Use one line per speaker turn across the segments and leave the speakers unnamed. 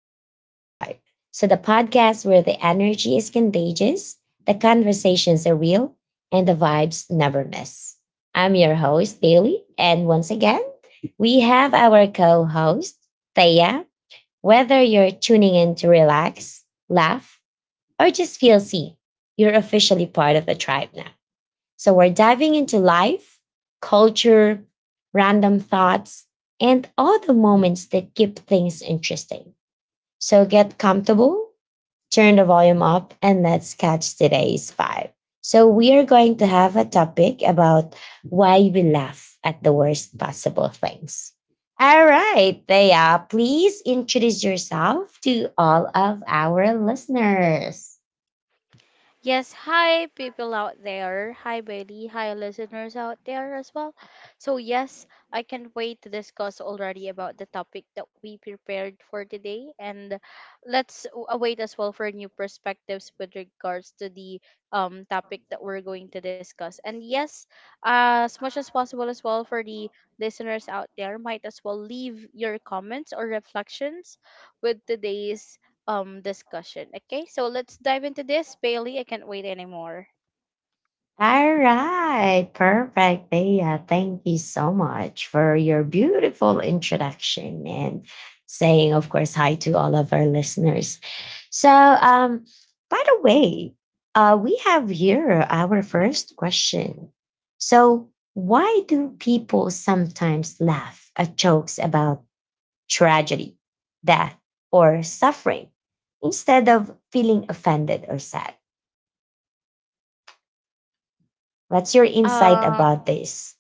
to the Vibe Tribe. The podcast where the energy is contagious, the conversations are real, and the vibes never miss. I'm your host, Bailey. And once again, we have our co host, Thea. Whether you're tuning in to relax, laugh, or just feel seen, you're officially part of the tribe now. So we're diving into life, culture, random thoughts, and all the moments that keep things interesting. So get comfortable, turn the volume up, and let's catch today's vibe. So we are going to have a topic about why we laugh at the worst possible things. All right, Thea, please introduce yourself to all of our listeners.
Yes, hi people out there. Hi Bailey. Hi listeners out there as well. So yes, I can't wait to discuss already about the topic that we prepared for today, and await as well for new perspectives with regards to the topic that we're going to discuss. And yes, as much as possible as well, for the listeners out there, might as well leave your comments or reflections with today's discussion. Okay, so let's dive into this, Bailey. I can't wait anymore.
All right, perfect. Thea, thank you so much for your beautiful introduction and saying, of course, hi to all of our listeners. So, um, by the way, we have here our first question. So, why do people sometimes laugh at jokes about tragedy, death, or suffering instead of feeling offended or sad? What's your insight
Um,
about this?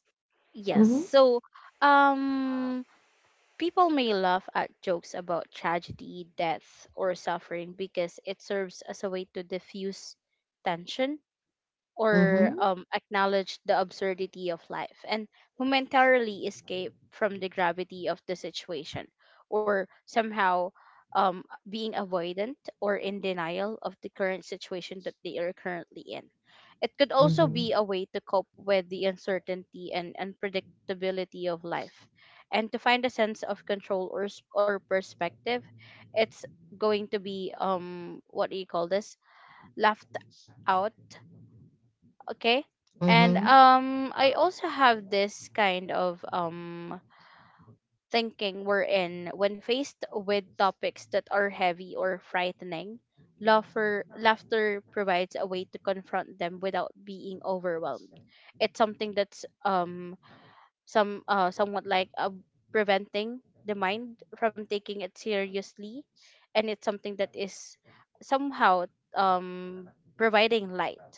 yes.
Mm-hmm.
So, um, People may laugh at jokes about tragedy, death, or suffering because it serves as a way to diffuse tension or
Mhm,
acknowledge the absurdity of life and momentarily escape from the gravity of the situation, or somehow um, being avoidant or in denial of the current situation that they are currently in. It could also
mhm,
be a way to cope with the uncertainty and unpredictability of life, and to find a sense of control or, or perspective. It's going to be, what do you call this? Laughed out, okay. And
mhm,
I also have this kind of thinking, wherein when faced with topics that are heavy or frightening, laughter provides a way to confront them without being overwhelmed. It's something that's somewhat like, preventing the mind from taking it seriously. And it's something that is somehow um providing light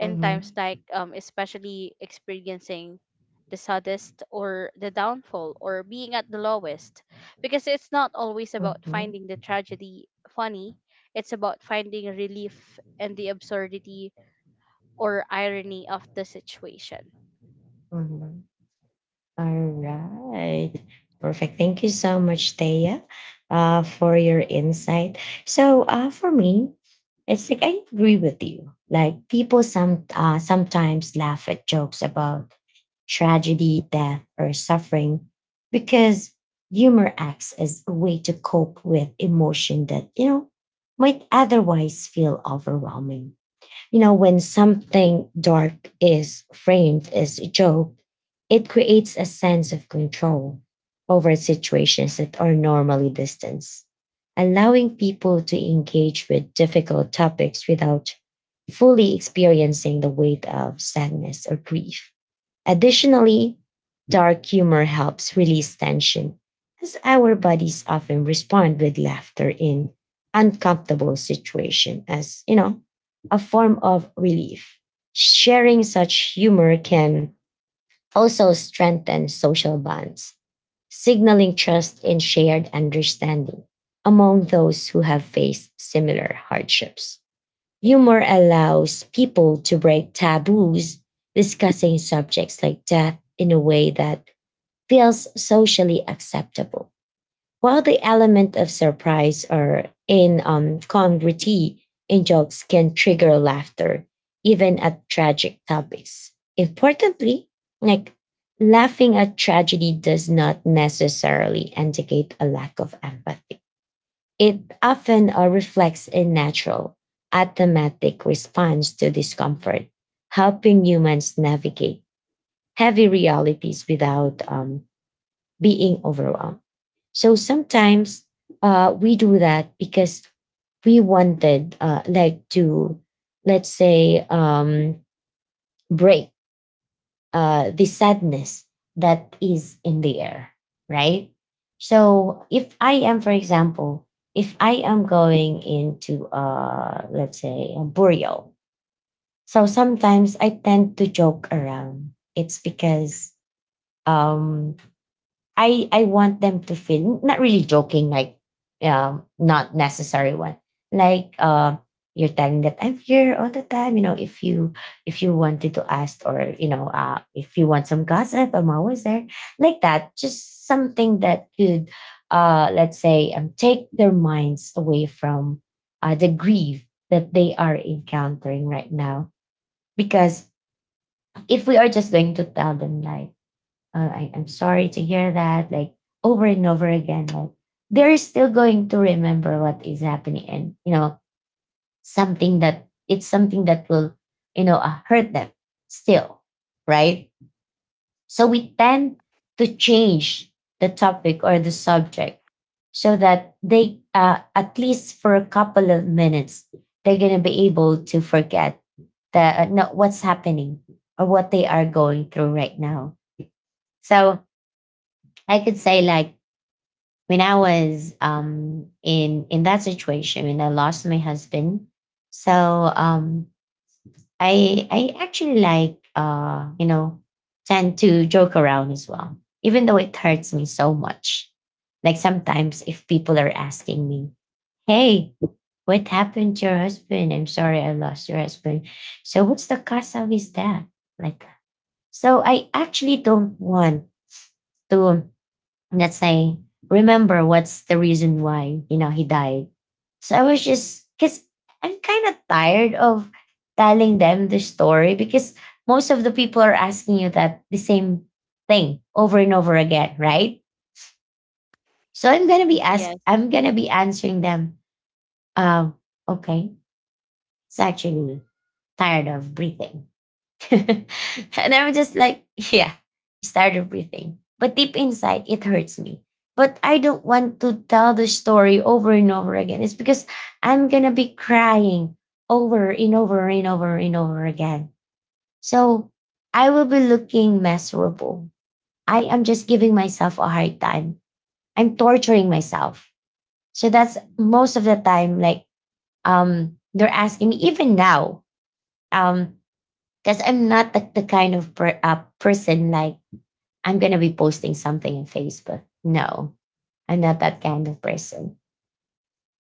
in times
mhm,
like, especially experiencing the saddest or the downfall or being at the lowest, because it's not always about
mhm,
finding the tragedy funny. It's about finding relief and the absurdity or irony of the situation.
mhm. All right. Perfect. Thank you so much, Thea, for your insight. So, for me, it's like I agree with you. Like people sometimes laugh at jokes about tragedy, death, or suffering because humor acts as a way to cope with emotion that might otherwise feel overwhelming. You know, when something dark is framed as a joke, it creates a sense of control over situations that are normally distant, allowing people to engage with difficult topics without fully experiencing the weight of sadness or grief. Additionally, dark humor helps release tension, as our bodies often respond with laughter in uncomfortable situations as, a form of relief. Sharing such humor can also strengthen social bonds, signaling trust and shared understanding among those who have faced similar hardships. Humor allows people to break taboos, discussing subjects like death in a way that feels socially acceptable. While the element of surprise or incongruity in jokes can trigger laughter, even at tragic topics. Importantly, like laughing at tragedy does not necessarily indicate a lack of empathy. It often reflects a natural, automatic response to discomfort, helping humans navigate heavy realities without being overwhelmed. So sometimes we do that because we wanted, like, to, let's say, break the sadness that is in the air, right? So if I am, for example, if I am going into, let's say, a burial, so sometimes I tend to joke around. It's because um, I want them to feel not really joking, like not necessary one. Like you're telling that I'm here all the time. You know, if you wanted to ask or you know if you want some gossip, I'm always there. Like that, just something that could let's say take their minds away from the grief that they are encountering right now. Because if we are just going to tell them like I'm sorry to hear that, like over and over again, like they're still going to remember what is happening and, you know, something that it's something that will, you know, hurt them still, right? So we tend to change the topic or the subject so that they, at least for a couple of minutes, they're going to be able to forget the, no, what's happening or what they are going through right now. So I could say like, when I was in that situation when I lost my husband. So I actually like you know tend to joke around as well, even though it hurts me so much. Like sometimes if people are asking me, "Hey, what happened to your husband? I'm sorry I lost your husband. So what's the cause of his death?" Like that. So, I actually don't want to, let's say, remember what's the reason why, you know, he died. So I was just, because I'm kind of tired of telling them the story because most of the people are asking you that the same thing over and over again, right? So
Yes.
I'm gonna be answering them. Um, okay, it's actually tired of breathing and I'm just like, yeah, started breathing. But deep inside, it hurts me. But I don't want to tell the story over and over again. It's because I'm going to be crying over and over and over and over again. So I will be looking miserable. I am just giving myself a hard time. I'm torturing myself. So that's most of the time, like, they're asking me, even now, um, because I'm not the kind of person like I'm gonna be posting something in Facebook. No, I'm not that kind of person.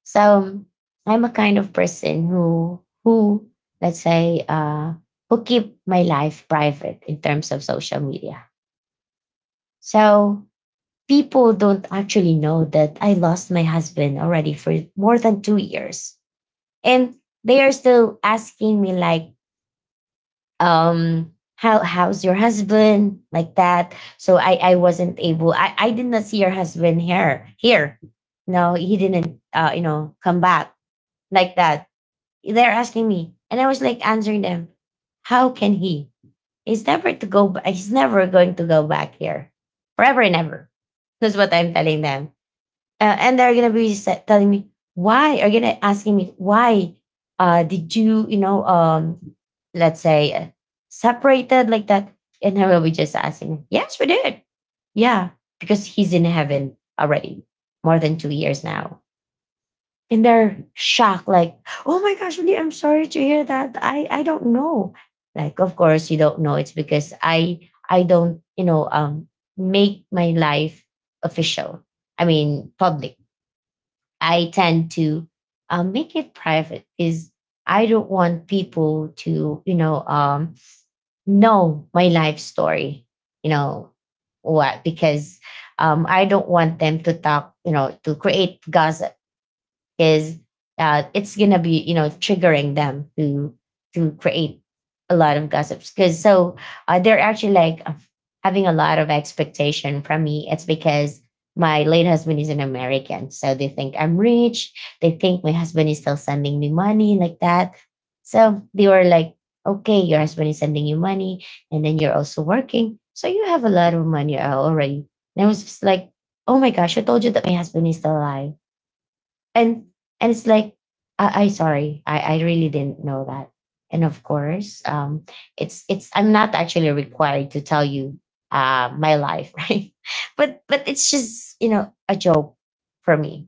So I'm a kind of person who let's say who keep my life private in terms of social media. So people don't actually know that I lost my husband already for more than 2 years, and they are still asking me like, um, how's your husband like that. So I wasn't able, I did not see your husband here here. No, he didn't uh, you know, come back like that. They're asking me, and I was like answering them, how can he, he's never to go ba- he's never going to go back here forever and ever. That's what I'm telling them. Uh, and they're gonna be telling me, why are gonna asking me why uh, did you you know um, let's say separated like that. And I will be just asking, yes, we did, yeah, because he's in heaven already more than 2 years now. And they're shocked like, oh my gosh, really? I'm sorry to hear that. I don't know. Like of course you don't know. It's because I don't, you know, um, make my life official, I mean public. I tend to make it private, is I don't want people to, you know my life story, you know, what, because I don't want them to talk, you know, to create gossip, because it's gonna be, you know, triggering them to create a lot of gossips, because so they're actually like having a lot of expectation from me. It's because my late husband is an American, so they think I'm rich. They think my husband is still sending me money, like that. So they were like, okay, your husband is sending you money, and then you're also working, so you have a lot of money already. And I was just like, oh my gosh, I told you that my husband is still alive. and and it's like, I sorry, I really didn't know that. And of course, it's I'm not actually required to tell you my life, right? But it's just, you know, a joke for me.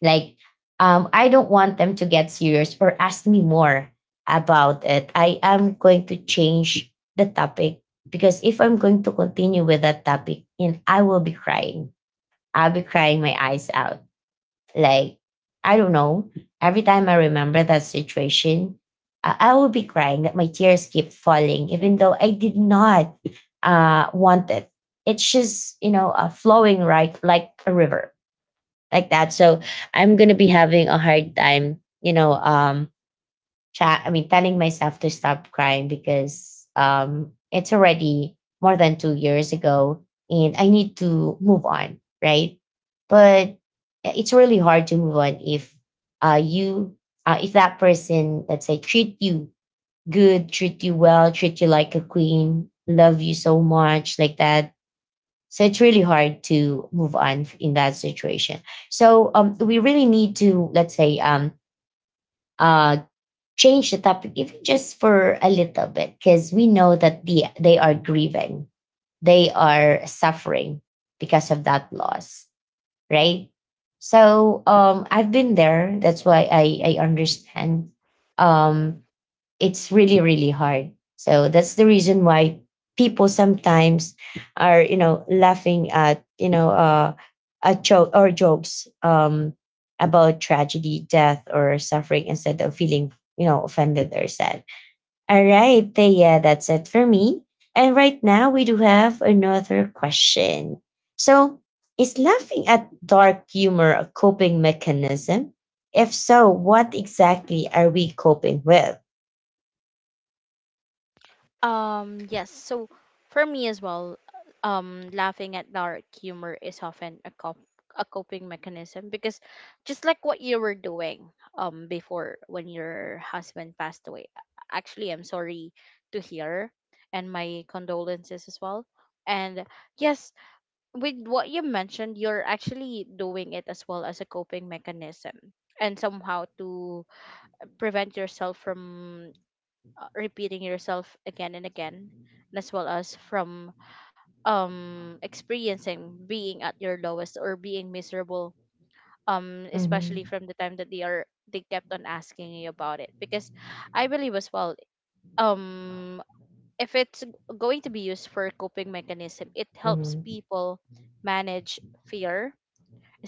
Like I don't want them to get serious or ask me more about it. I am going to change the topic because if I'm going to continue with that topic, and I will be crying. I'll be crying my eyes out. Like, I don't know. Every time I remember that situation, I will be crying that my tears keep falling, even though I did not want it. It's just, you know, flowing right like a river, like that. So I'm going to be having a hard time, you know, chat I mean telling myself to stop crying because um, it's already more than 2 years ago, and I need to move on, right? But it's really hard to move on if uh, you if that person, let's say, treat you good, treat you well, treat you like a queen, love you so much, like that. So it's really hard to move on in that situation. So um, we really need to, let's say, uh change the topic even just for a little bit, because we know that they are grieving, they are suffering because of that loss, right? So um,
Yes.
I've been there. That's why I understand. Um, it's really, really hard. So that's the reason why people sometimes are, you know, laughing at, you know, a joke or jokes about tragedy, death, or suffering, instead of feeling, you know, offended or sad. All right, Thea, that's it for me. And right now we do have another question. So, is laughing at dark humor a coping mechanism? If so, what exactly are we coping with?
Um, yes. So for me as well, laughing at dark humor is often a coping mechanism, because just like what you were doing before when your husband passed away. Actually, I'm sorry to hear, and my condolences as well. And yes, with what you mentioned, you're actually doing it as well as a coping mechanism, and somehow to prevent yourself from repeating yourself again and again, and as well as from experiencing being at your lowest or being miserable, especially
Mhm,
from the time that they kept on asking you about it. Because I believe as well, um if going to be used for coping mechanism, it helps
mhm,
people manage fear,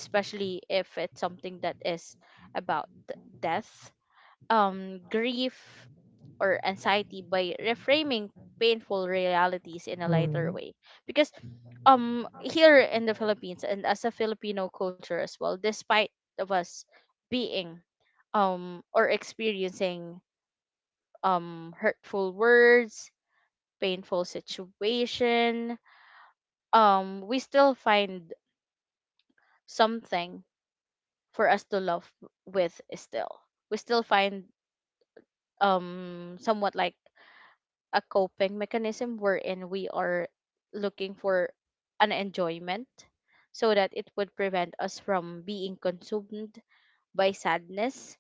especially if it's something that is about death, grief, or anxiety, by reframing painful realities in a lighter
mhm,
way. Because here in the Philippines, and as a Filipino culture as well, despite of us being or experiencing hurtful words, painful situation, we still find something for us to love with. Still, we still find somewhat like a coping mechanism wherein we are looking for an enjoyment, so that it would prevent us from being consumed by sadness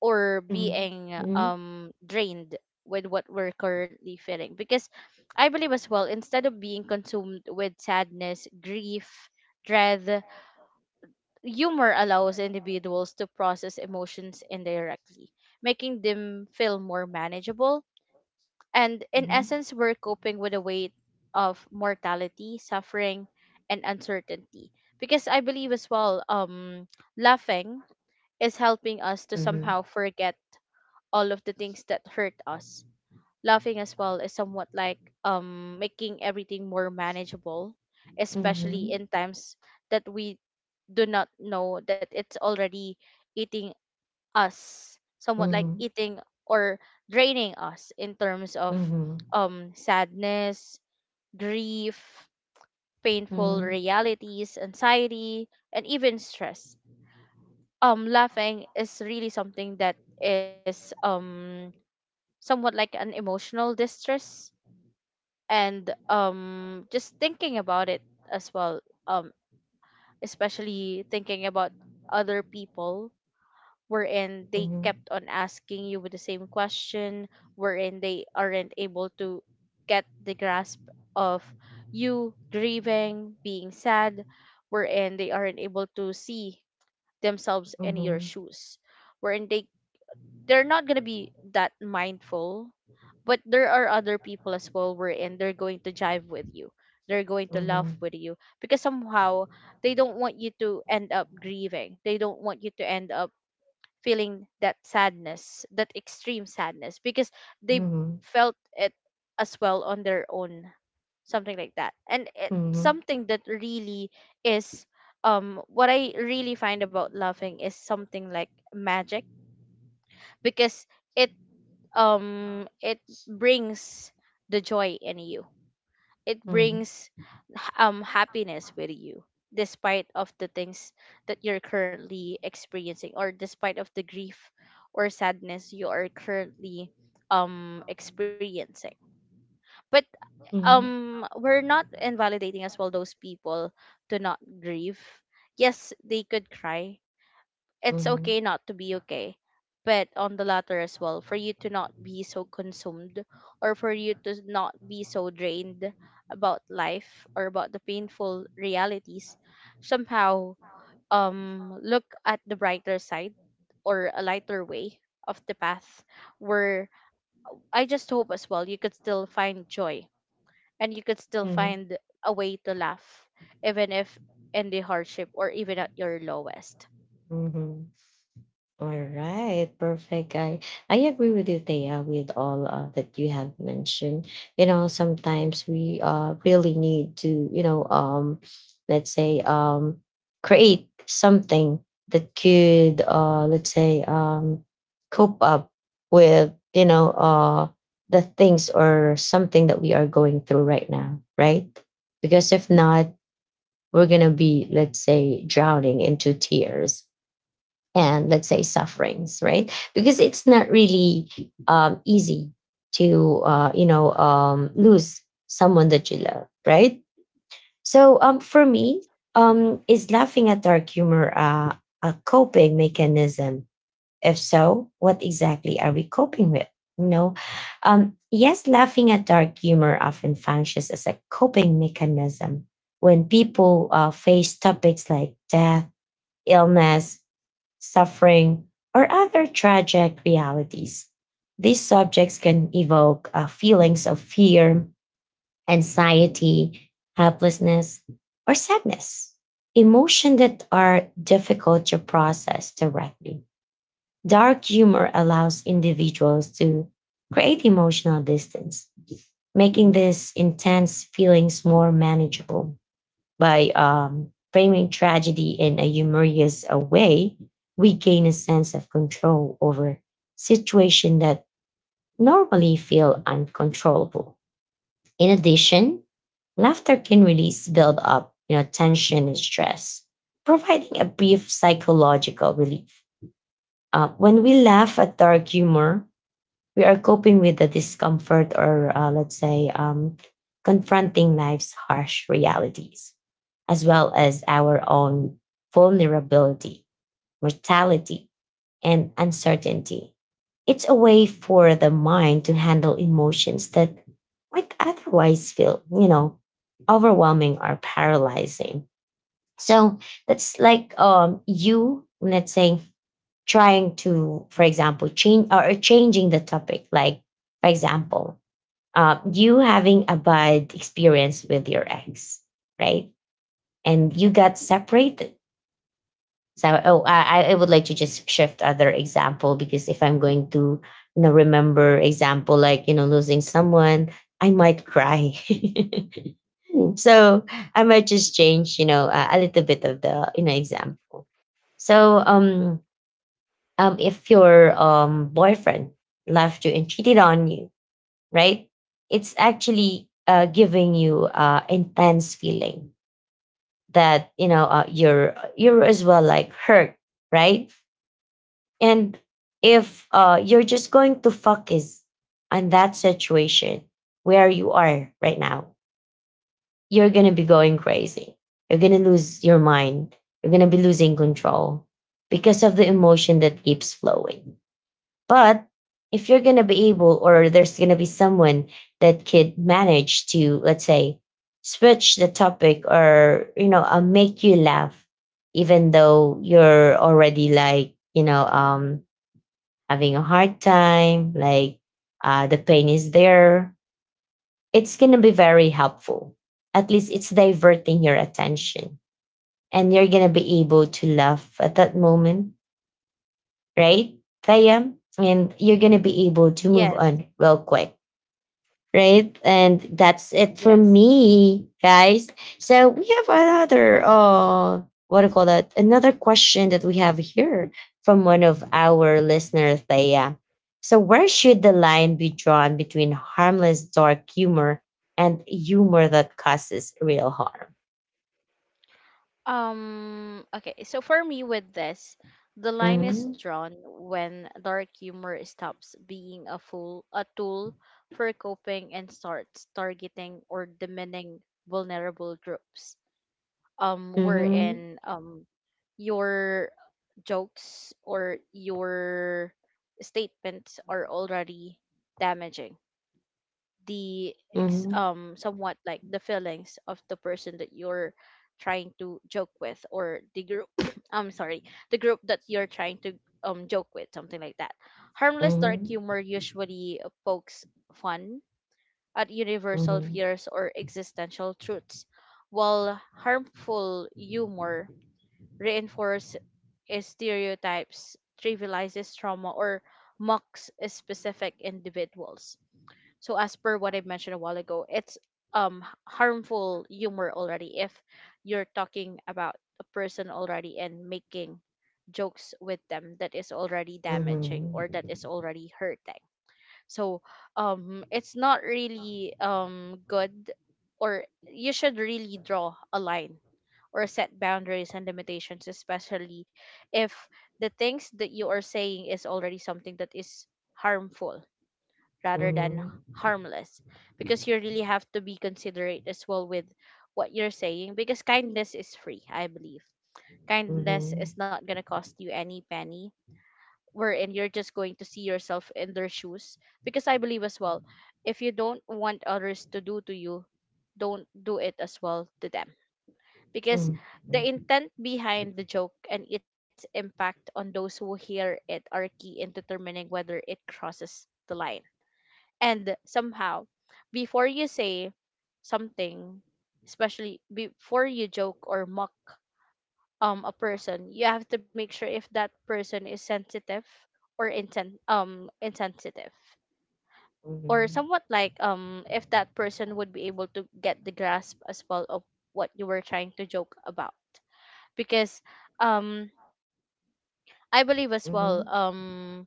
or
mhm,
being
mhm, mhm,
drained with what we're currently feeling. Because I believe as well, instead of being consumed with sadness, grief, dread, humor allows individuals to process emotions indirectly, making them feel more manageable. And in
mhm,
essence, we're coping with the weight of mortality, suffering, and uncertainty. Because I believe as well, laughing is helping us to
mhm.
somehow forget all of the things that hurt us.
Mhm.
Laughing as well is somewhat like making everything more manageable, especially in times that we do not know that it's already eating us,
Mhm.
somewhat like
Mhm.
eating or draining us in terms of
Mhm.
sadness, grief, painful
Mhm.
realities, anxiety, and even stress. Laughing is really something that is somewhat like an emotional distress. And just thinking about it as well, um especially thinking about other people wherein they
Mhm.
kept on asking you with the same question, wherein they aren't able to get the grasp of you grieving, being sad, wherein they aren't able to see themselves in your
Mhm.
shoes, wherein they're not gonna be that mindful. But there are other people as well wherein they're going to jive with you. They're going to laugh with you, because somehow they don't want you to end up grieving. They don't want you to end up feeling that sadness, that extreme sadness, because they
Mhm.
felt it as well on their own, something like that. And it's
Mhm.
something that really is, what I really find about laughing is something like magic, because it it brings the joy in you. It
Mhm.
brings happiness with you, despite of the things that you're currently experiencing, or despite of the grief or sadness you are currently experiencing. But
Mhm. Mhm.
we're not invalidating as well those people to not grieve. Yes, they could cry. It's okay
Mhm.
not to be okay. But on the latter as well, for you to not be so consumed, or for you to not be so drained about life or about the painful realities, somehow look at the brighter side or a lighter way of the path, where I just hope as well you could still find joy, and you could still
Mhm.
find a way to laugh, even if in the hardship, or even at your lowest.
Mhm. All right, perfect. I agree with you, Thea, with all that you have mentioned. You know, sometimes we really need to, let's say create something that could let's say cope up with the things or something that we are going through right now, right? Because if not, we're gonna be, let's say, drowning into tears and, let's say, sufferings, right? Because it's not really easy to lose someone that you love, right? So for me, is laughing at dark humor a coping mechanism? If so, what exactly are we coping with? You know, yes, laughing at dark humor often functions as a coping mechanism when people face topics like death, illness, suffering, or other tragic realities. These subjects can evoke feelings of fear, anxiety, helplessness, or sadness, emotions that are difficult to process directly. Dark humor allows individuals to create emotional distance, making these intense feelings more manageable. By framing tragedy in a humorous way, we gain a sense of control over situations that normally feel uncontrollable. In addition, laughter can release build up, tension and stress, providing a brief psychological relief. When we laugh at dark humor, we are coping with the discomfort or, confronting life's harsh realities as well as our own vulnerability, mortality, and uncertainty. It's a way for the mind to handle emotions that might otherwise feel, overwhelming or paralyzing. So that's like, you, let's say, trying to, for example, change or changing the topic. Like, for example, you having a bad experience with your ex, right? And you got separated. So oh, I would like to just shift other example because if I'm going to, remember example like, losing someone, I might cry. So I might just change, a little bit of the, example. So if your boyfriend left you and cheated on you, right? It's actually giving you intense feeling that, you're as well like hurt, right? And if you're just going to focus on that situation where you are right now, you're going to be going crazy. You're going to lose your mind. You're going to be losing control because of the emotion that keeps flowing. But if you're going to be able, or there's going to be someone that could manage to, let's say, switch the topic or, make you laugh, even though you're already like, having a hard time, like the pain is there, it's going to be very helpful. At least it's diverting your attention and you're going to be able to laugh at that moment, right, Thea? And you're going to be able to
Yes.
move on real quick, right? And that's it for
Yes.
me, guys. So we have another what do you call that? Another question that we have here from one of our listener, Thea. So where should the line be drawn between harmless dark humor and humor that causes real harm?
Okay, so for me with this, the line is
Mhm,
drawn when dark humor stops being a tool for coping and starts targeting or demeaning vulnerable groups.
mhm,
Wherein your jokes or your statements are already damaging
mhm,
somewhat like the feelings of the person that you're trying to joke with, or the group — I'm sorry — the group that you're trying to joke with, something like that. Harmless dark
mhm,
humor usually pokes fun at universal
mhm,
fears or existential truths, while harmful humor reinforces stereotypes, trivializes trauma, or mocks specific individuals. So, as per what I mentioned a while ago, it's um h- harmful humor already if you're talking about a person already and making jokes with them that is already
mhm,
damaging or that
mhm,
is already hurting. So it's not really good, or you should really draw a line or set boundaries and limitations, especially if the things that you are saying is already something that is harmful rather than harmless, because you really have to be considerate as well with what you're saying. Because kindness is free, I believe. Kindness
mhm,
is not going to cost you any penny, wherein you're just going to see yourself in their shoes. Because I believe as well, if you don't want others to do to you, don't do it as well to them, because the intent behind the joke and its impact on those who hear it are key in determining whether it crosses the line. And somehow, before you say something, especially before you joke or mock a person, you have to make sure if that person is sensitive or insensitive, or somewhat like if that person would be able to get the grasp as well of what you were trying to joke about. Because um I believe as well,
mhm,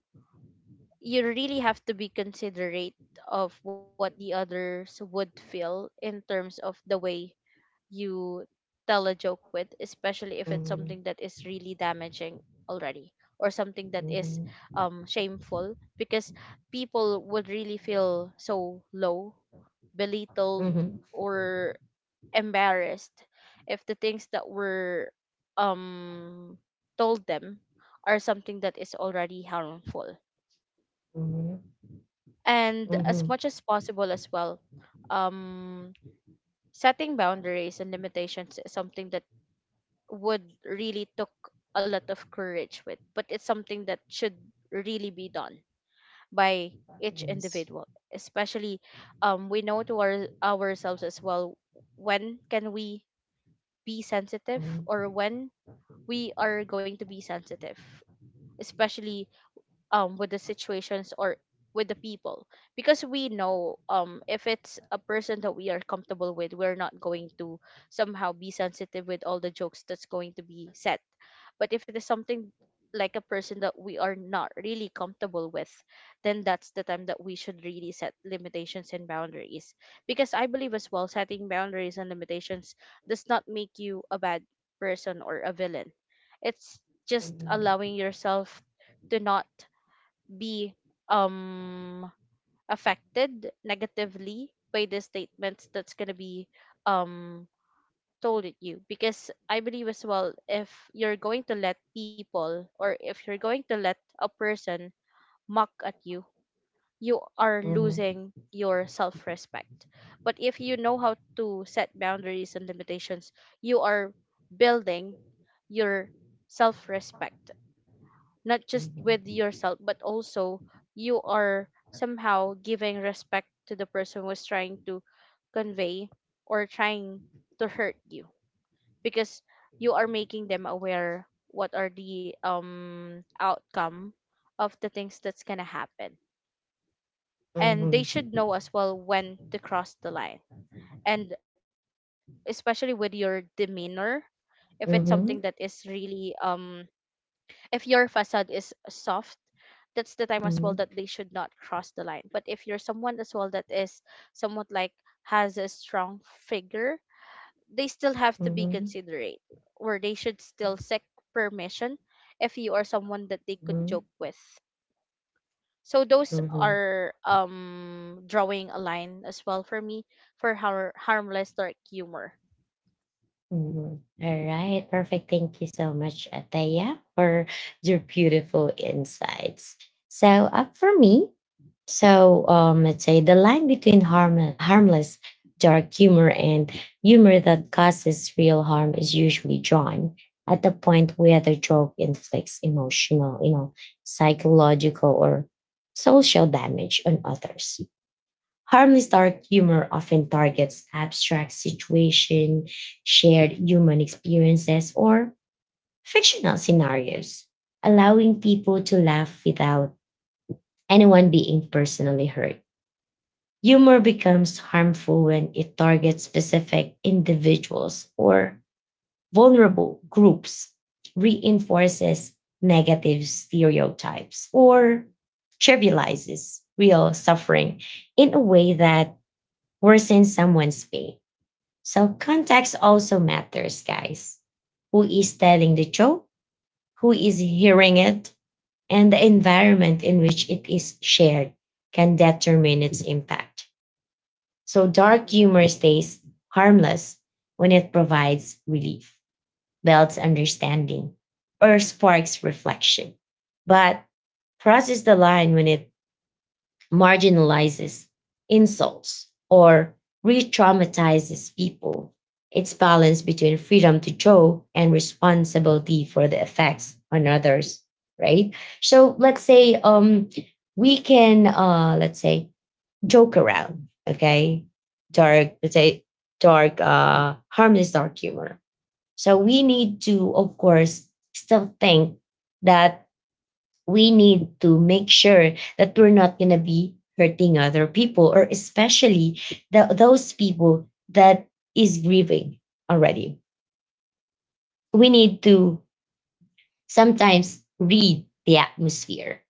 you really have to be considerate of what the others would feel in terms of the way you tell a joke with, especially if it's
mhm,
something that is really damaging already, or something that
mhm,
is
mhm.
shameful, because people would really feel so low, belittled,
Mhm,
or embarrassed if the things that were um told them are something that is already harmful.
mhm,
And as
mhm.
much as possible as well, um setting boundaries and limitations is something that would really took a lot of courage with, but it's something that should really be done by each
Yes.
individual. Especially, we know to ourselves as well, when can we be sensitive,
Mhm,
or when we are going to be sensitive, especially with the situations or with the people. Because we know, if it's a person that we are comfortable with, we're not going to somehow be sensitive with all the jokes that's going to be said. But if it is something like a person that we are not really comfortable with, then that's the time that we should really set limitations and boundaries. Because I believe as well, setting boundaries and limitations does not make you a bad person or a villain. It's just allowing yourself to not be um affected negatively by the statements that's going to be um told at you. Because I believe as well, if you're going to let people, or if you're going to let a person mock at you, you are
mhm,
losing your self-respect. But if you know how to set boundaries and limitations, you are building your self-respect, not just with
mhm,
yourself, but also you are somehow giving respect to the person who's trying to convey or trying to hurt you, because you are making them aware what are the outcome of the things that's gonna happen. And they
mhm,
should know as well when to cross the line. And especially with your demeanor, if it's something that is
mhm,
really, if your facade is soft, that's the time as well that
mhm,
they should not cross the line. But if you're someone as well that is somewhat like has a strong figure, they still have to be
mhm,
considerate, or they should still seek permission if you are someone that they could
mhm,
joke with. So those
mhm,
are, drawing a line as well for me for harmless dark humor.
mhm. All right, perfect. Thank you so much, Ataya, for your beautiful insights. So, up for me, so let's say the line between harmless dark humor and humor that causes real harm is usually drawn at the point where the joke inflicts emotional, psychological or social damage on others. Harmless dark humor often targets abstract situations, shared human experiences, or fictional scenarios, allowing people to laugh without anyone being personally hurt. Humor becomes harmful when it targets specific individuals or vulnerable groups, reinforces negative stereotypes, or trivializes real suffering in a way that worsens someone's pain. So, context also matters, guys. Who is telling the joke? Who is hearing it? And the environment in which it is shared can determine its impact. So dark humor stays harmless when it provides relief, builds understanding, or sparks reflection, but crosses the line when it marginalizes, insults, or re traumatizes people. Its balance between freedom to joke and responsibility for the effects on others, right? So let's say, we can, let's say, joke around, okay? Dark, let's say dark, harmless dark humor. So we need to, of course, still think that we need to make sure that we're not going to be hurting other people or especially the, those people that is grieving already. We need to sometimes read the atmosphere,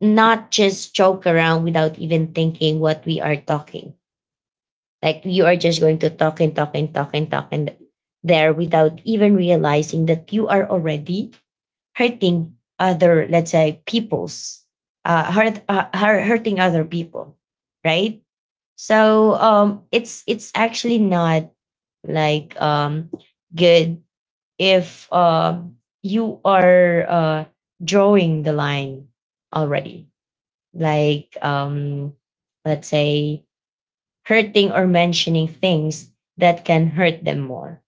not just joke around without even thinking what we are talking. Like you are just going to talk and talk and talk and talk and there without even realizing that you are already hurting other, let's say, people's, hurting other people, right? So it's actually not like good if you are drawing the line already. Like let's say hurting or mentioning things that can hurt them more.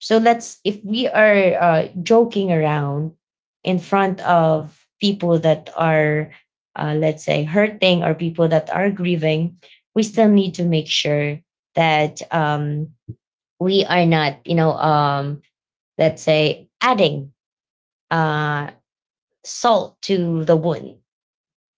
So let's, if we are joking around in front of people that are, let's say, hurting or people that are grieving, we still need to make sure that we are not, let's say, adding uh, salt to the wound,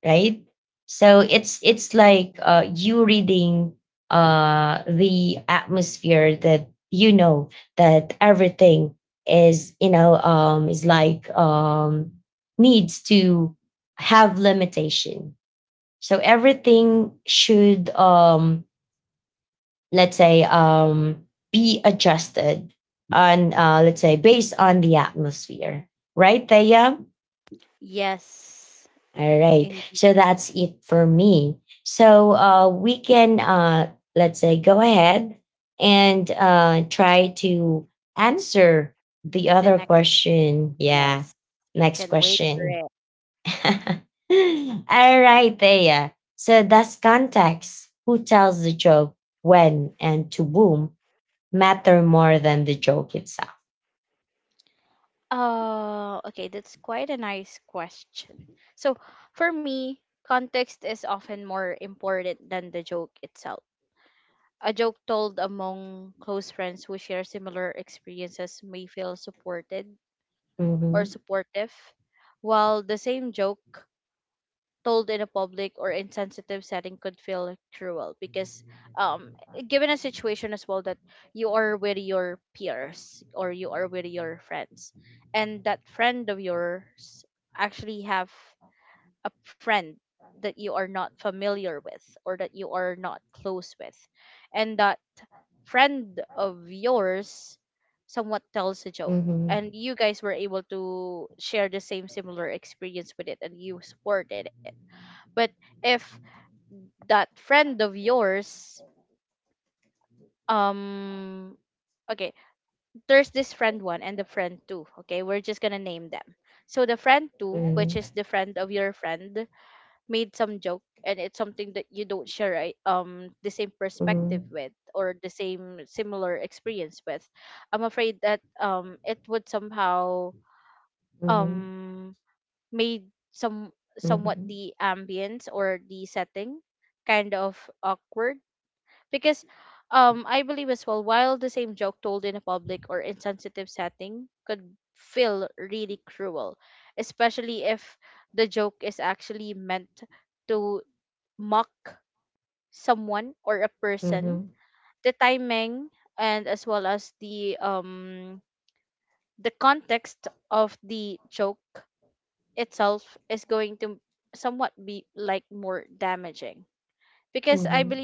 right? So it's like you reading the atmosphere that you know that everything is, is like, needs to have limitation. So everything should, let's say, be adjusted on, let's say based on the atmosphere, right, Thea? All right. So that's it for me. So we can, let's say, go ahead and try to answer the other question. Yeah. Next question. All right, Thea. So that's context. Who tells the joke, when, and to whom, matter more than the joke itself. Mhm, mhm, mhm, mhm, mhm, mhm, mhm, mhm.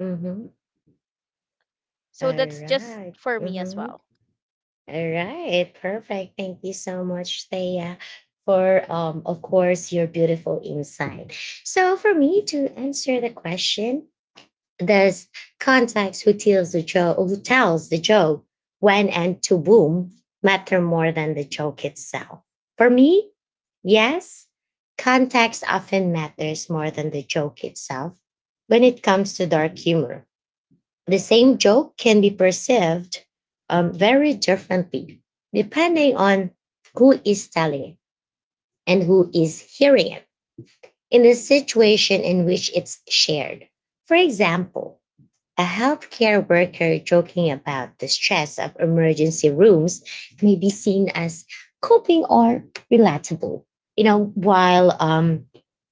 Mhm. All right. Mhm. All right, perfect. Thank you so much, Thea, for of course, your beautiful insight. So, for me to answer the question, there's context who tells the joke, who tells the joke when and to whom matter more than the joke itself. For me, yes, context often matters more than the joke itself when it comes to dark humor. The same joke can be perceived very differently depending on who is telling it and who is hearing it in the situation in which it's shared. For example, a healthcare worker joking about the stress of emergency rooms may be seen as coping or relatable, while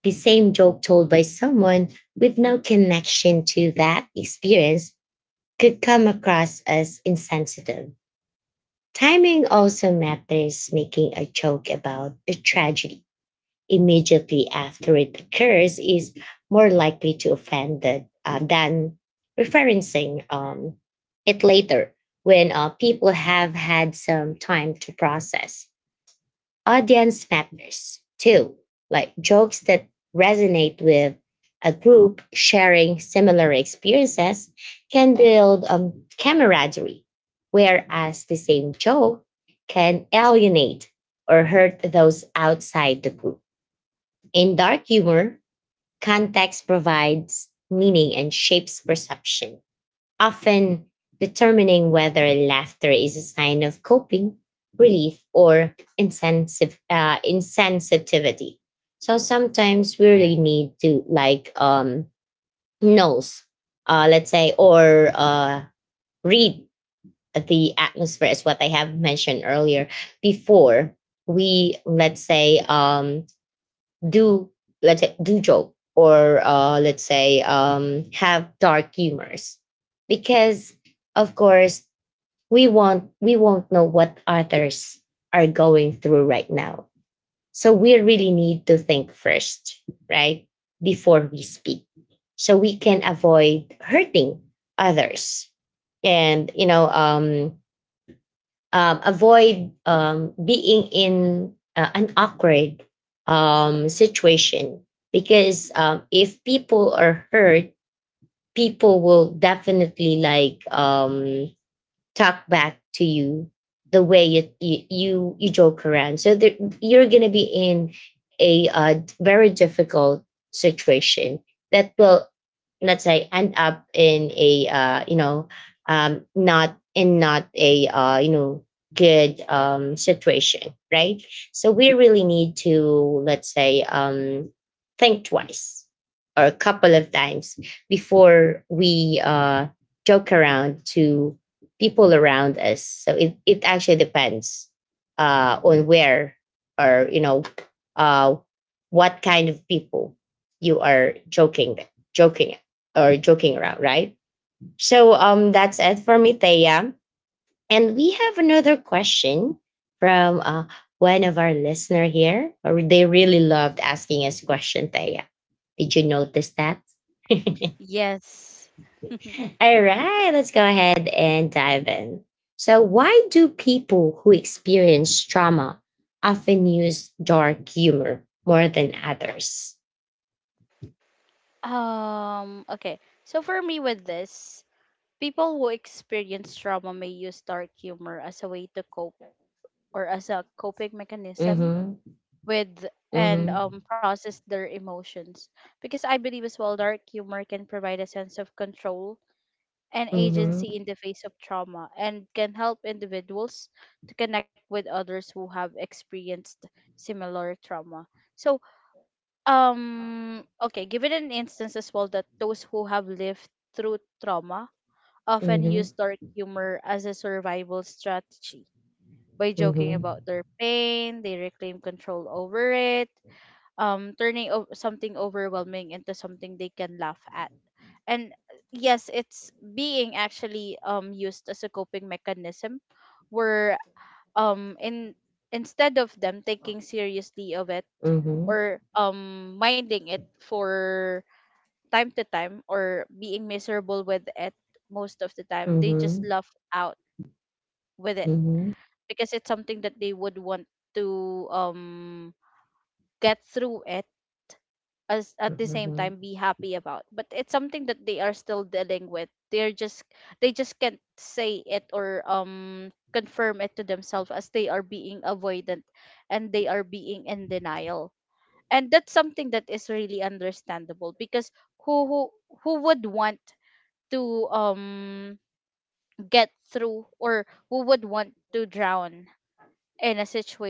the same joke told by someone with no connection to that experience could come across as insensitive. Timing also matters. Making a joke about a tragedy immediately after it occurs is more likely to offend the, than referencing it later when people have had some time to process. Audience matters too, like jokes that resonate with a group sharing similar experiences can build, camaraderie, whereas the same joke can alienate or hurt those outside the group. In dark humor, context provides meaning and shapes perception, often determining whether laughter is a sign of coping, relief, or insensitivity. So sometimes we really need to like, nose, let's say, or read the atmosphere as what I have mentioned earlier before we, let's say, do do joke or, let's say, have dark humors because of course we want we won't know what others are going through right now, so we really need to think first, right, before we speak, so we can avoid hurting others and, avoid, being in an awkward situation because, if people are hurt, people will definitely like, talk back to you the way you joke around. So there, you're gonna be in a very difficult situation that will, let's say, end up in a, not in not a, good situation, right? So we really need to, let's say, think twice or a couple of times before we joke around to people around us. So it actually depends on where or, uh, what kind of people you are joking, joking or joking around, right? So that's it for me, Thea. And we have another question from one of our listener here. Or they really loved asking us question, Thea. Did you notice that? All right, let's go ahead and dive in. So, why do people who experience trauma often use dark humor more than others? Mhm, mhm, mhm, mhm, mhm, mhm, mhm, mhm, mhm, mhm,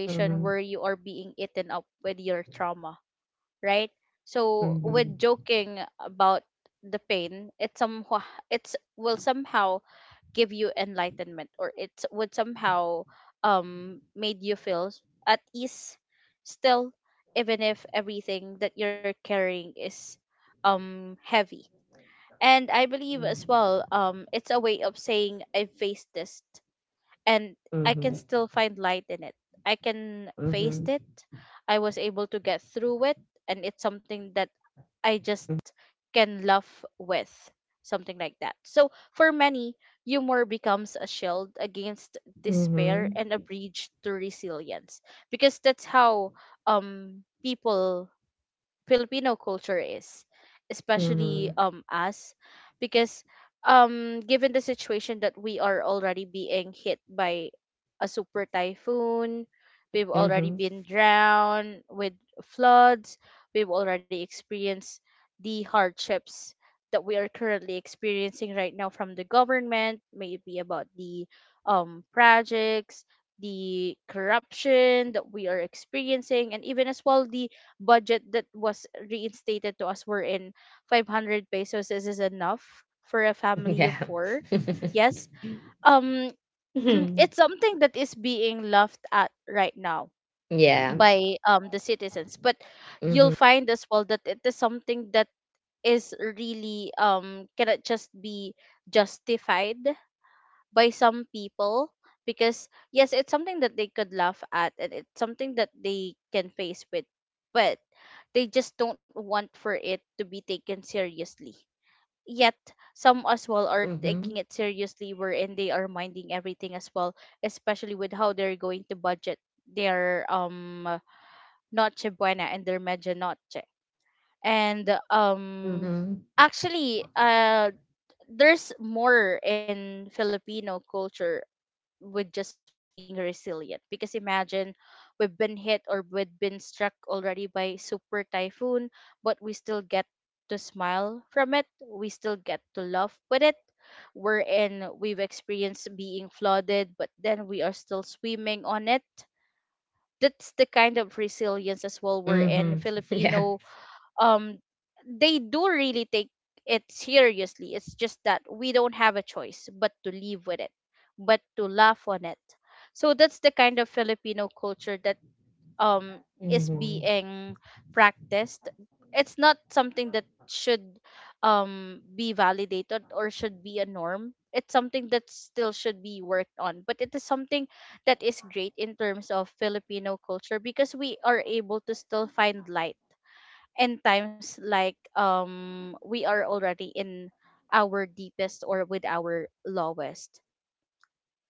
mhm, mhm, mhm, mhm, mhm, mhm. Yeah. Mhm. Yeah. Mhm. Mhm. Mhm. Mhm. Yeah. Mhm.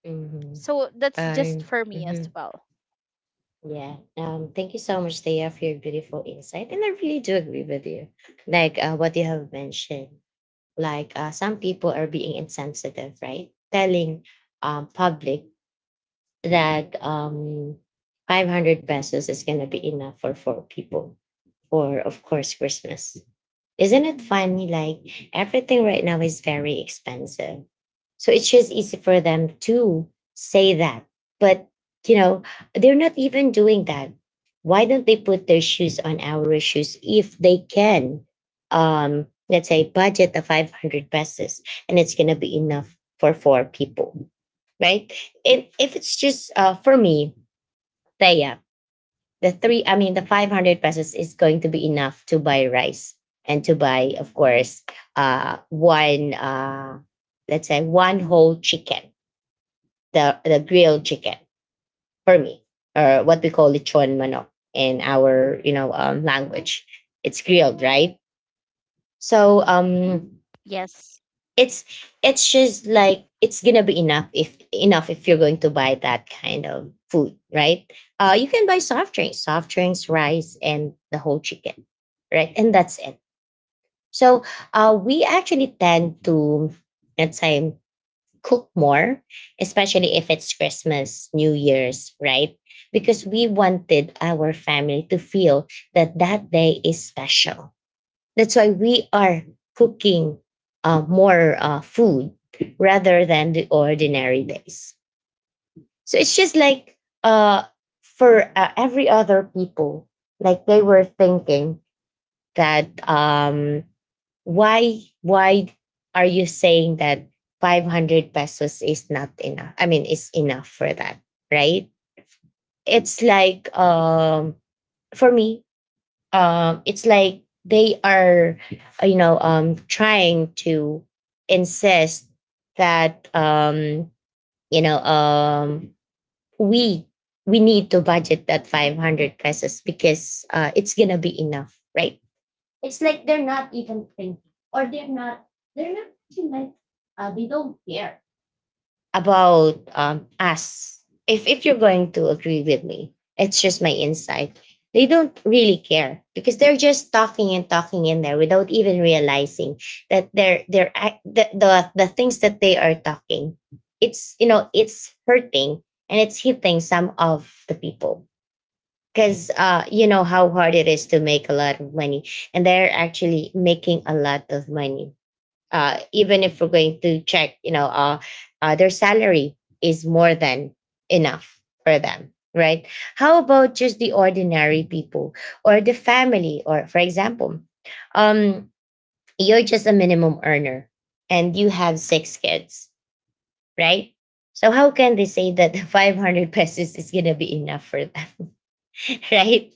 Mhm. I. Mhm. Yeah. Thank you so much, Thea, for your beautiful insight, and I really do agree with you. What you have mentioned. Some people are being insensitive, right? Telling public that 500 pesos is gonna be enough for 4 people for, of course, Christmas. Isn't it funny? Like everything right now is very expensive. So it's just easy for them to say that. But, you know, they're not even doing that. Why don't they put their shoes on our shoes if they can? Let's say budget of 500 pesos and it's going to be enough for 4 people, right? If it's just for me, Thea, the three, I mean, the 500 pesos is going to be enough to buy rice and to buy, of course, one, let's say, one whole chicken, the grilled chicken for me, or what we call lechon manok in our, language. It's grilled, right? So, um, it's it's just like it's gonna be enough if you're going to buy that kind of food, right? You can buy soft drinks, rice, and the whole chicken, right? And that's it. So we actually tend to, let's say, cook more, especially if it's Christmas, New Year's, right? Because we wanted our family to feel that that day is special. That's why we are cooking more food rather than the ordinary days. So it's just like, uh, for every other people, like they were thinking that, why are you saying that 500 pesos is not enough? I mean, is enough for that, right? It's like, for me, it's like they are, trying to insist that, you know um we we need to budget that 500 pesos because, it's gonna be enough, right? It's like they're not even thinking, or they're not like they don't care about us. If you're going to agree with me, it's just my insight. They don't really care because they're just talking and talking in there without even realizing that the things that they are talking. It's, you know, it's hurting, and it's hitting some of the people because, you know how hard it is to make a lot of money. And they're actually making a lot of money. Even if we're going to check, their salary is more than enough for them, right? How about just the ordinary people, or the family, or, for example, um, you're just a minimum earner and you have 6 kids, right? So how can they say that the 500 pesos is going to be enough for them, right?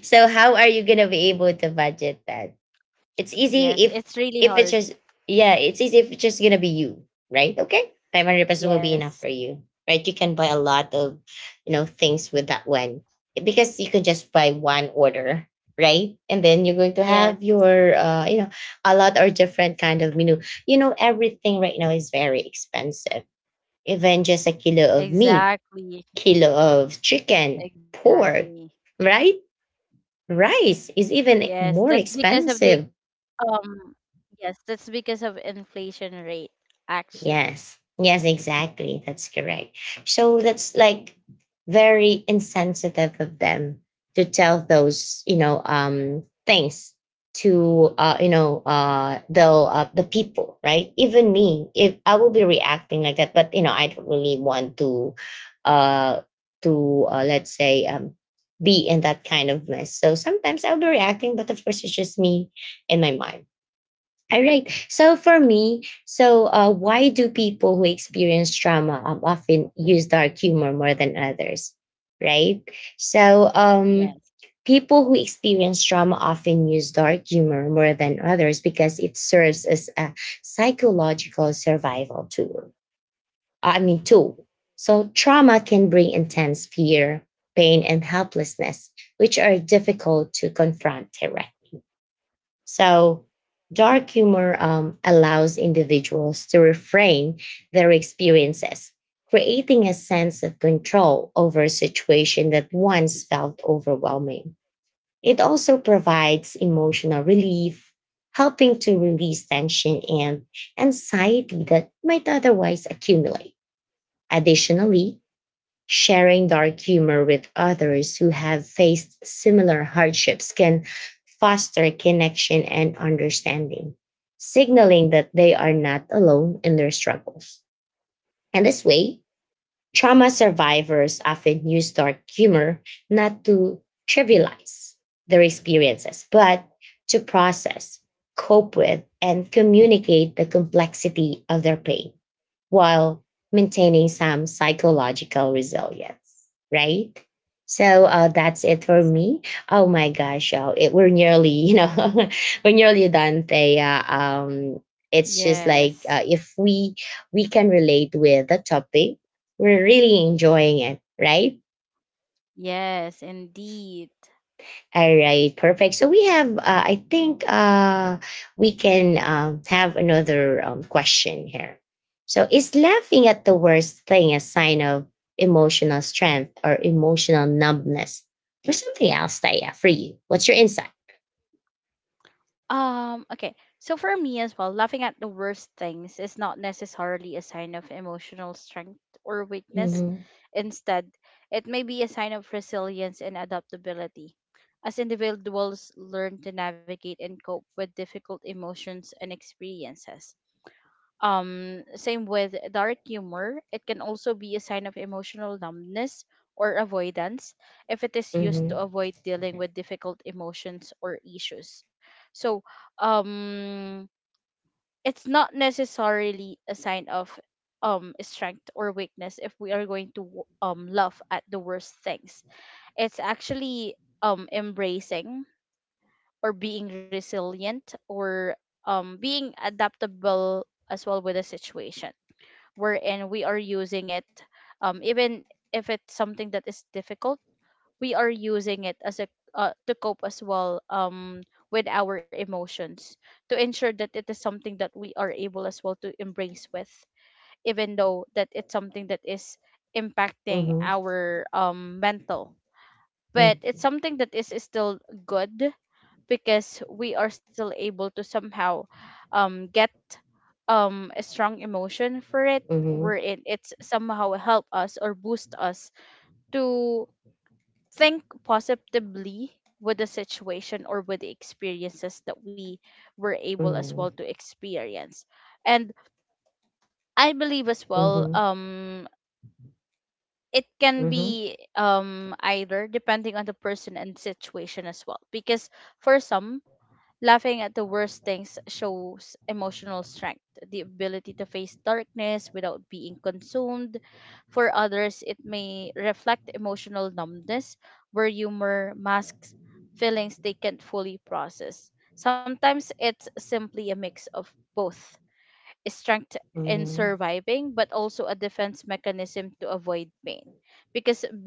So how are you going to be able to budget that? It's easy if it's just yeah, it's easy if it's just gonna be you, right? Okay, 500 pesos will be enough for you, right? You can buy a lot of, you know, things with that one, because you can just buy one order, right? And then you're going to have your, a lot or different kind of menu. You know, everything right now is very expensive. Even just a kilo of meat, kilo of chicken, pork, right? Rice is even more expensive. Yes. Yes, exactly. That's correct. So that's like very insensitive of them to tell those, things to, the, the people, right? Even me, if I will be reacting like that, but, you know, I don't really want to, uh let's say, be in that kind of mess. So sometimes I'll be reacting, but of course it's just me in my mind. All right. So for me, so why do people who experience trauma often use dark humor more than others? Right. So people who experience trauma often use dark humor more than others because it serves as a psychological survival tool. So trauma can bring intense fear, pain, and helplessness, which are difficult to confront directly. So, dark humor allows individuals to reframe their experiences, creating a sense of control over a situation that once felt overwhelming. It also provides emotional relief, helping to release tension and anxiety that might otherwise accumulate. Additionally, sharing dark humor with others who have faced similar hardships can foster connection and understanding, signaling that they are not alone in their struggles. And this way, trauma survivors often use dark humor not to trivialize their experiences, but to process, cope with, and communicate the complexity of their pain while maintaining some psychological resilience, right? So that's it for me. Oh my gosh, oh, it, we're nearly, you know, we're nearly done, Thea. It's just like, if we can relate with the topic, we're really enjoying it, right? All right, perfect. So we have, I think, we can, have another, question here. So, is laughing at the worst thing a sign of emotional strength or emotional numbness or something else, Taya, for you? What's your insight? Mhm, mhm, mhm, mhm, mhm, mhm, mhm, mhm, mhm, mhm,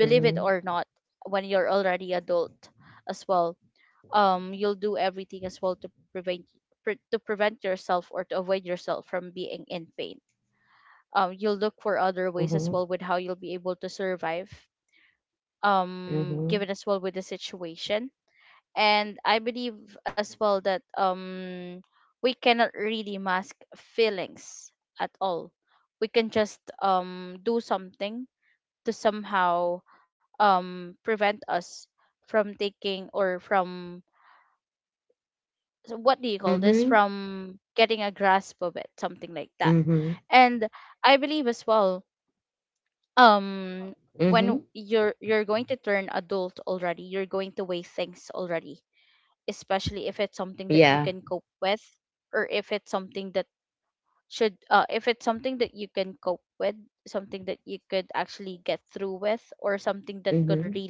mhm, mhm, mhm, mhm, mhm. Yeah. Mm-hmm.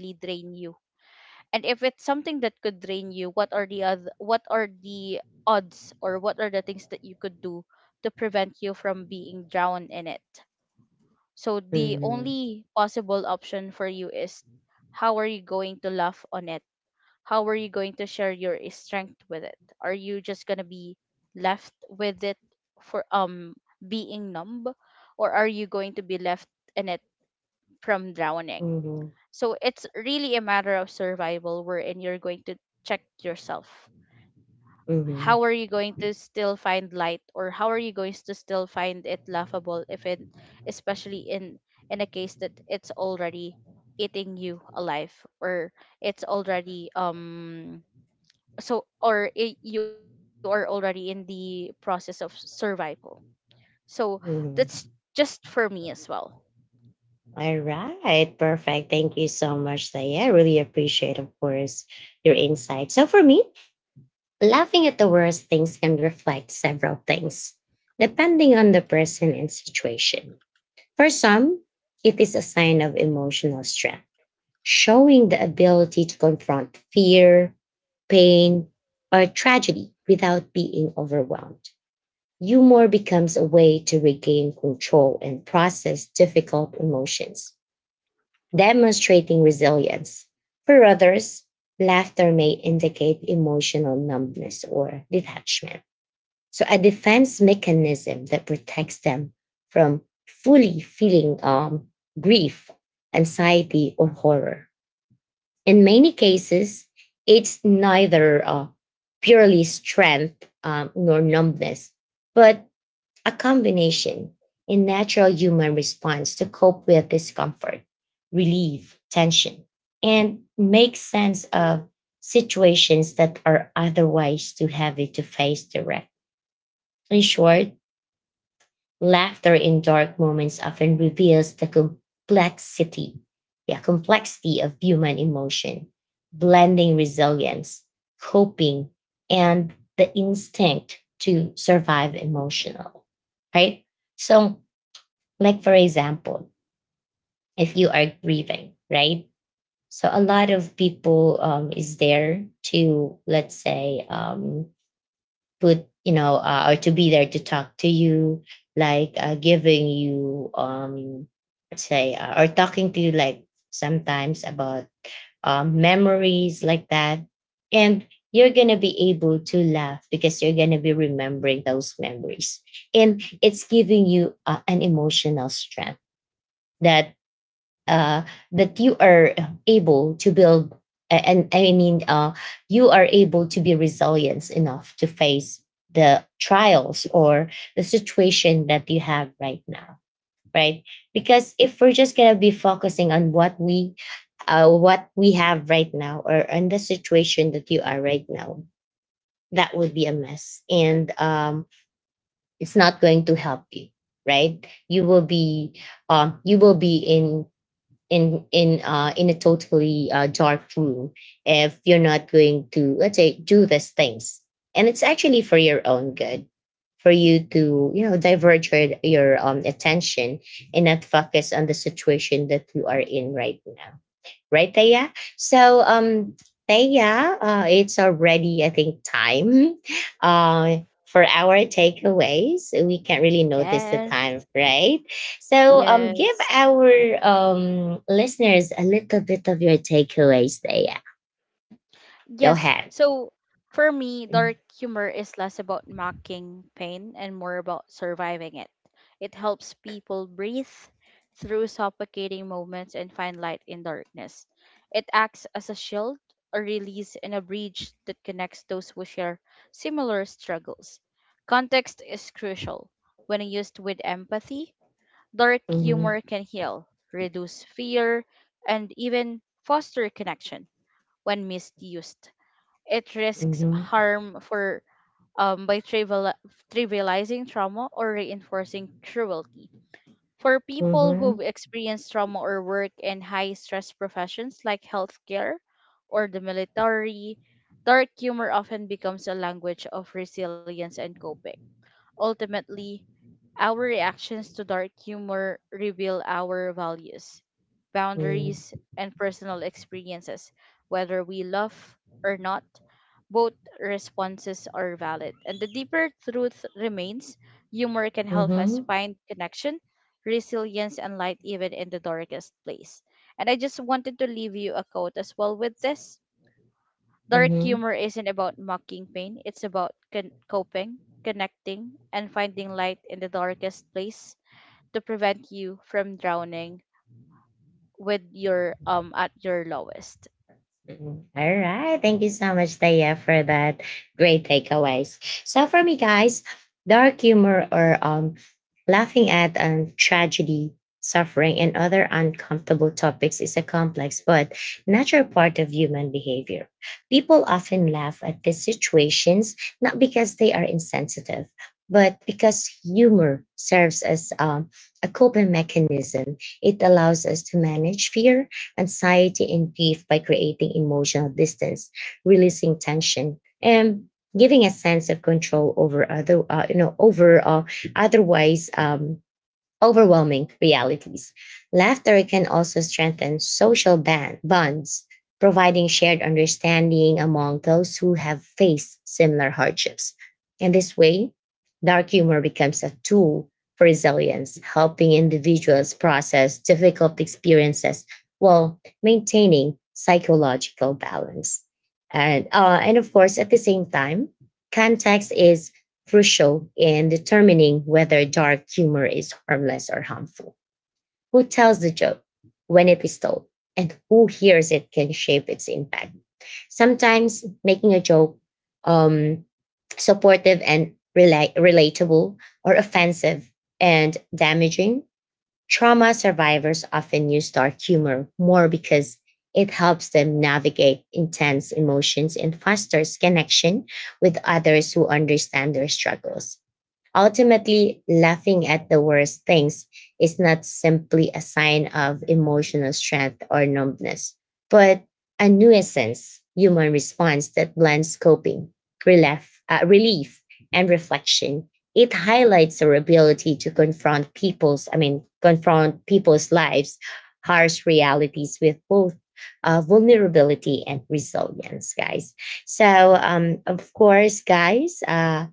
Mm-hmm. Mm-hmm. Mm-hmm. Mm-hmm. All right, perfect. Thank you so much, Saya. I really appreciate, of course, your insight. So, for me, laughing at the worst things can reflect several things, depending on the person and situation. For some, it is a sign of emotional strength, showing the ability to confront fear, pain, or tragedy without being overwhelmed. Humor becomes a way to regain control and process difficult emotions, demonstrating resilience. For others, laughter may indicate emotional numbness or detachment. So, a defense mechanism that protects them from fully feeling, grief, anxiety, or horror. In many cases, it's neither, purely strength, nor numbness, but a combination in natural human response to cope with discomfort, relieve tension, and make sense of situations that are otherwise too heavy to face direct. In short, laughter in dark moments often reveals complexity of human emotion, blending resilience, coping, and the instinct to survive emotional, right? So, like, for example, if you are grieving, right? So a lot of people, is there to, let's say, put, you know, or to be there to talk to you, like, giving you, let's say, or talking to you, like sometimes about memories like that. And you're going to be able to laugh because you're going to be remembering those memories. And it's giving you an emotional strength that uh, that you are able to build, and I mean you are able to be resilient enough to face the trials or the situation that you have right now, right? Because if we're just going to be focusing on what we have right now, or on the situation that you are right now, that would be a mess, and it's not going to help you, right? You will be, you will be in a totally, dark room if you're not going to, let's say, do these things. And it's actually for your own good for you to, you know, diverge your, attention, and not focus on the situation that you are in right now, right, Taya? So, Taya, it's already, I think, time uh, for our takeaways. We can't really notice the time, right? So, give our, listeners a little bit of your takeaways, Taya. Go ahead. Mhm, mhm, mhm, mhm, mhm, mhm. Mm. All right. Thank you so much, Taya, for that great takeaways. So for me, guys, dark humor, or, laughing at, tragedy, suffering, and other uncomfortable topics is a complex but natural part of human behavior. People often laugh at these situations not because they are insensitive, but because humor serves as, a coping mechanism. It allows us to manage fear, anxiety, and grief by creating emotional distance, releasing tension, and giving a sense of control over otherwise, overwhelming realities. Laughter can also strengthen social bonds, providing shared understanding among those who have faced similar hardships. In this way, dark humor becomes a tool for resilience, helping individuals process difficult experiences while maintaining psychological balance. And, and of course, at the same time, context is crucial in determining whether dark humor is harmless or harmful. Who tells the joke, when it is told, and who hears it can shape its impact. Sometimes making a joke, um, supportive and relatable, or offensive and damaging. Trauma survivors often use dark humor more because it helps them navigate intense emotions and fosters connection with others who understand their struggles. Ultimately, laughing at the worst things is not simply a sign of emotional strength or numbness, but a nuisance human response that blends coping, relief and reflection. It highlights our ability to confront confront people's lives, harsh realities with both vulnerability and resilience, guys. So, of course, guys,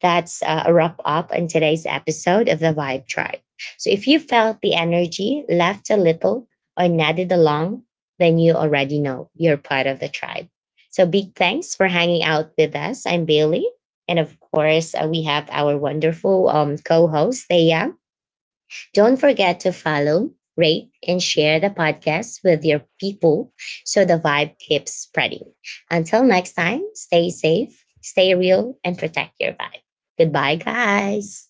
that's a wrap up on today's episode of the Vibe Tribe. So if you felt the energy, laughed a little, or nodded along, then you already know you're part of the tribe. So big thanks for hanging out with us. I'm Bailey. And of course, we have our wonderful, co host, Thea. Don't forget to follow, rate, and share the podcast with your people so the vibe keeps spreading. Until next time, stay safe, stay real, and protect your vibe. Goodbye, guys.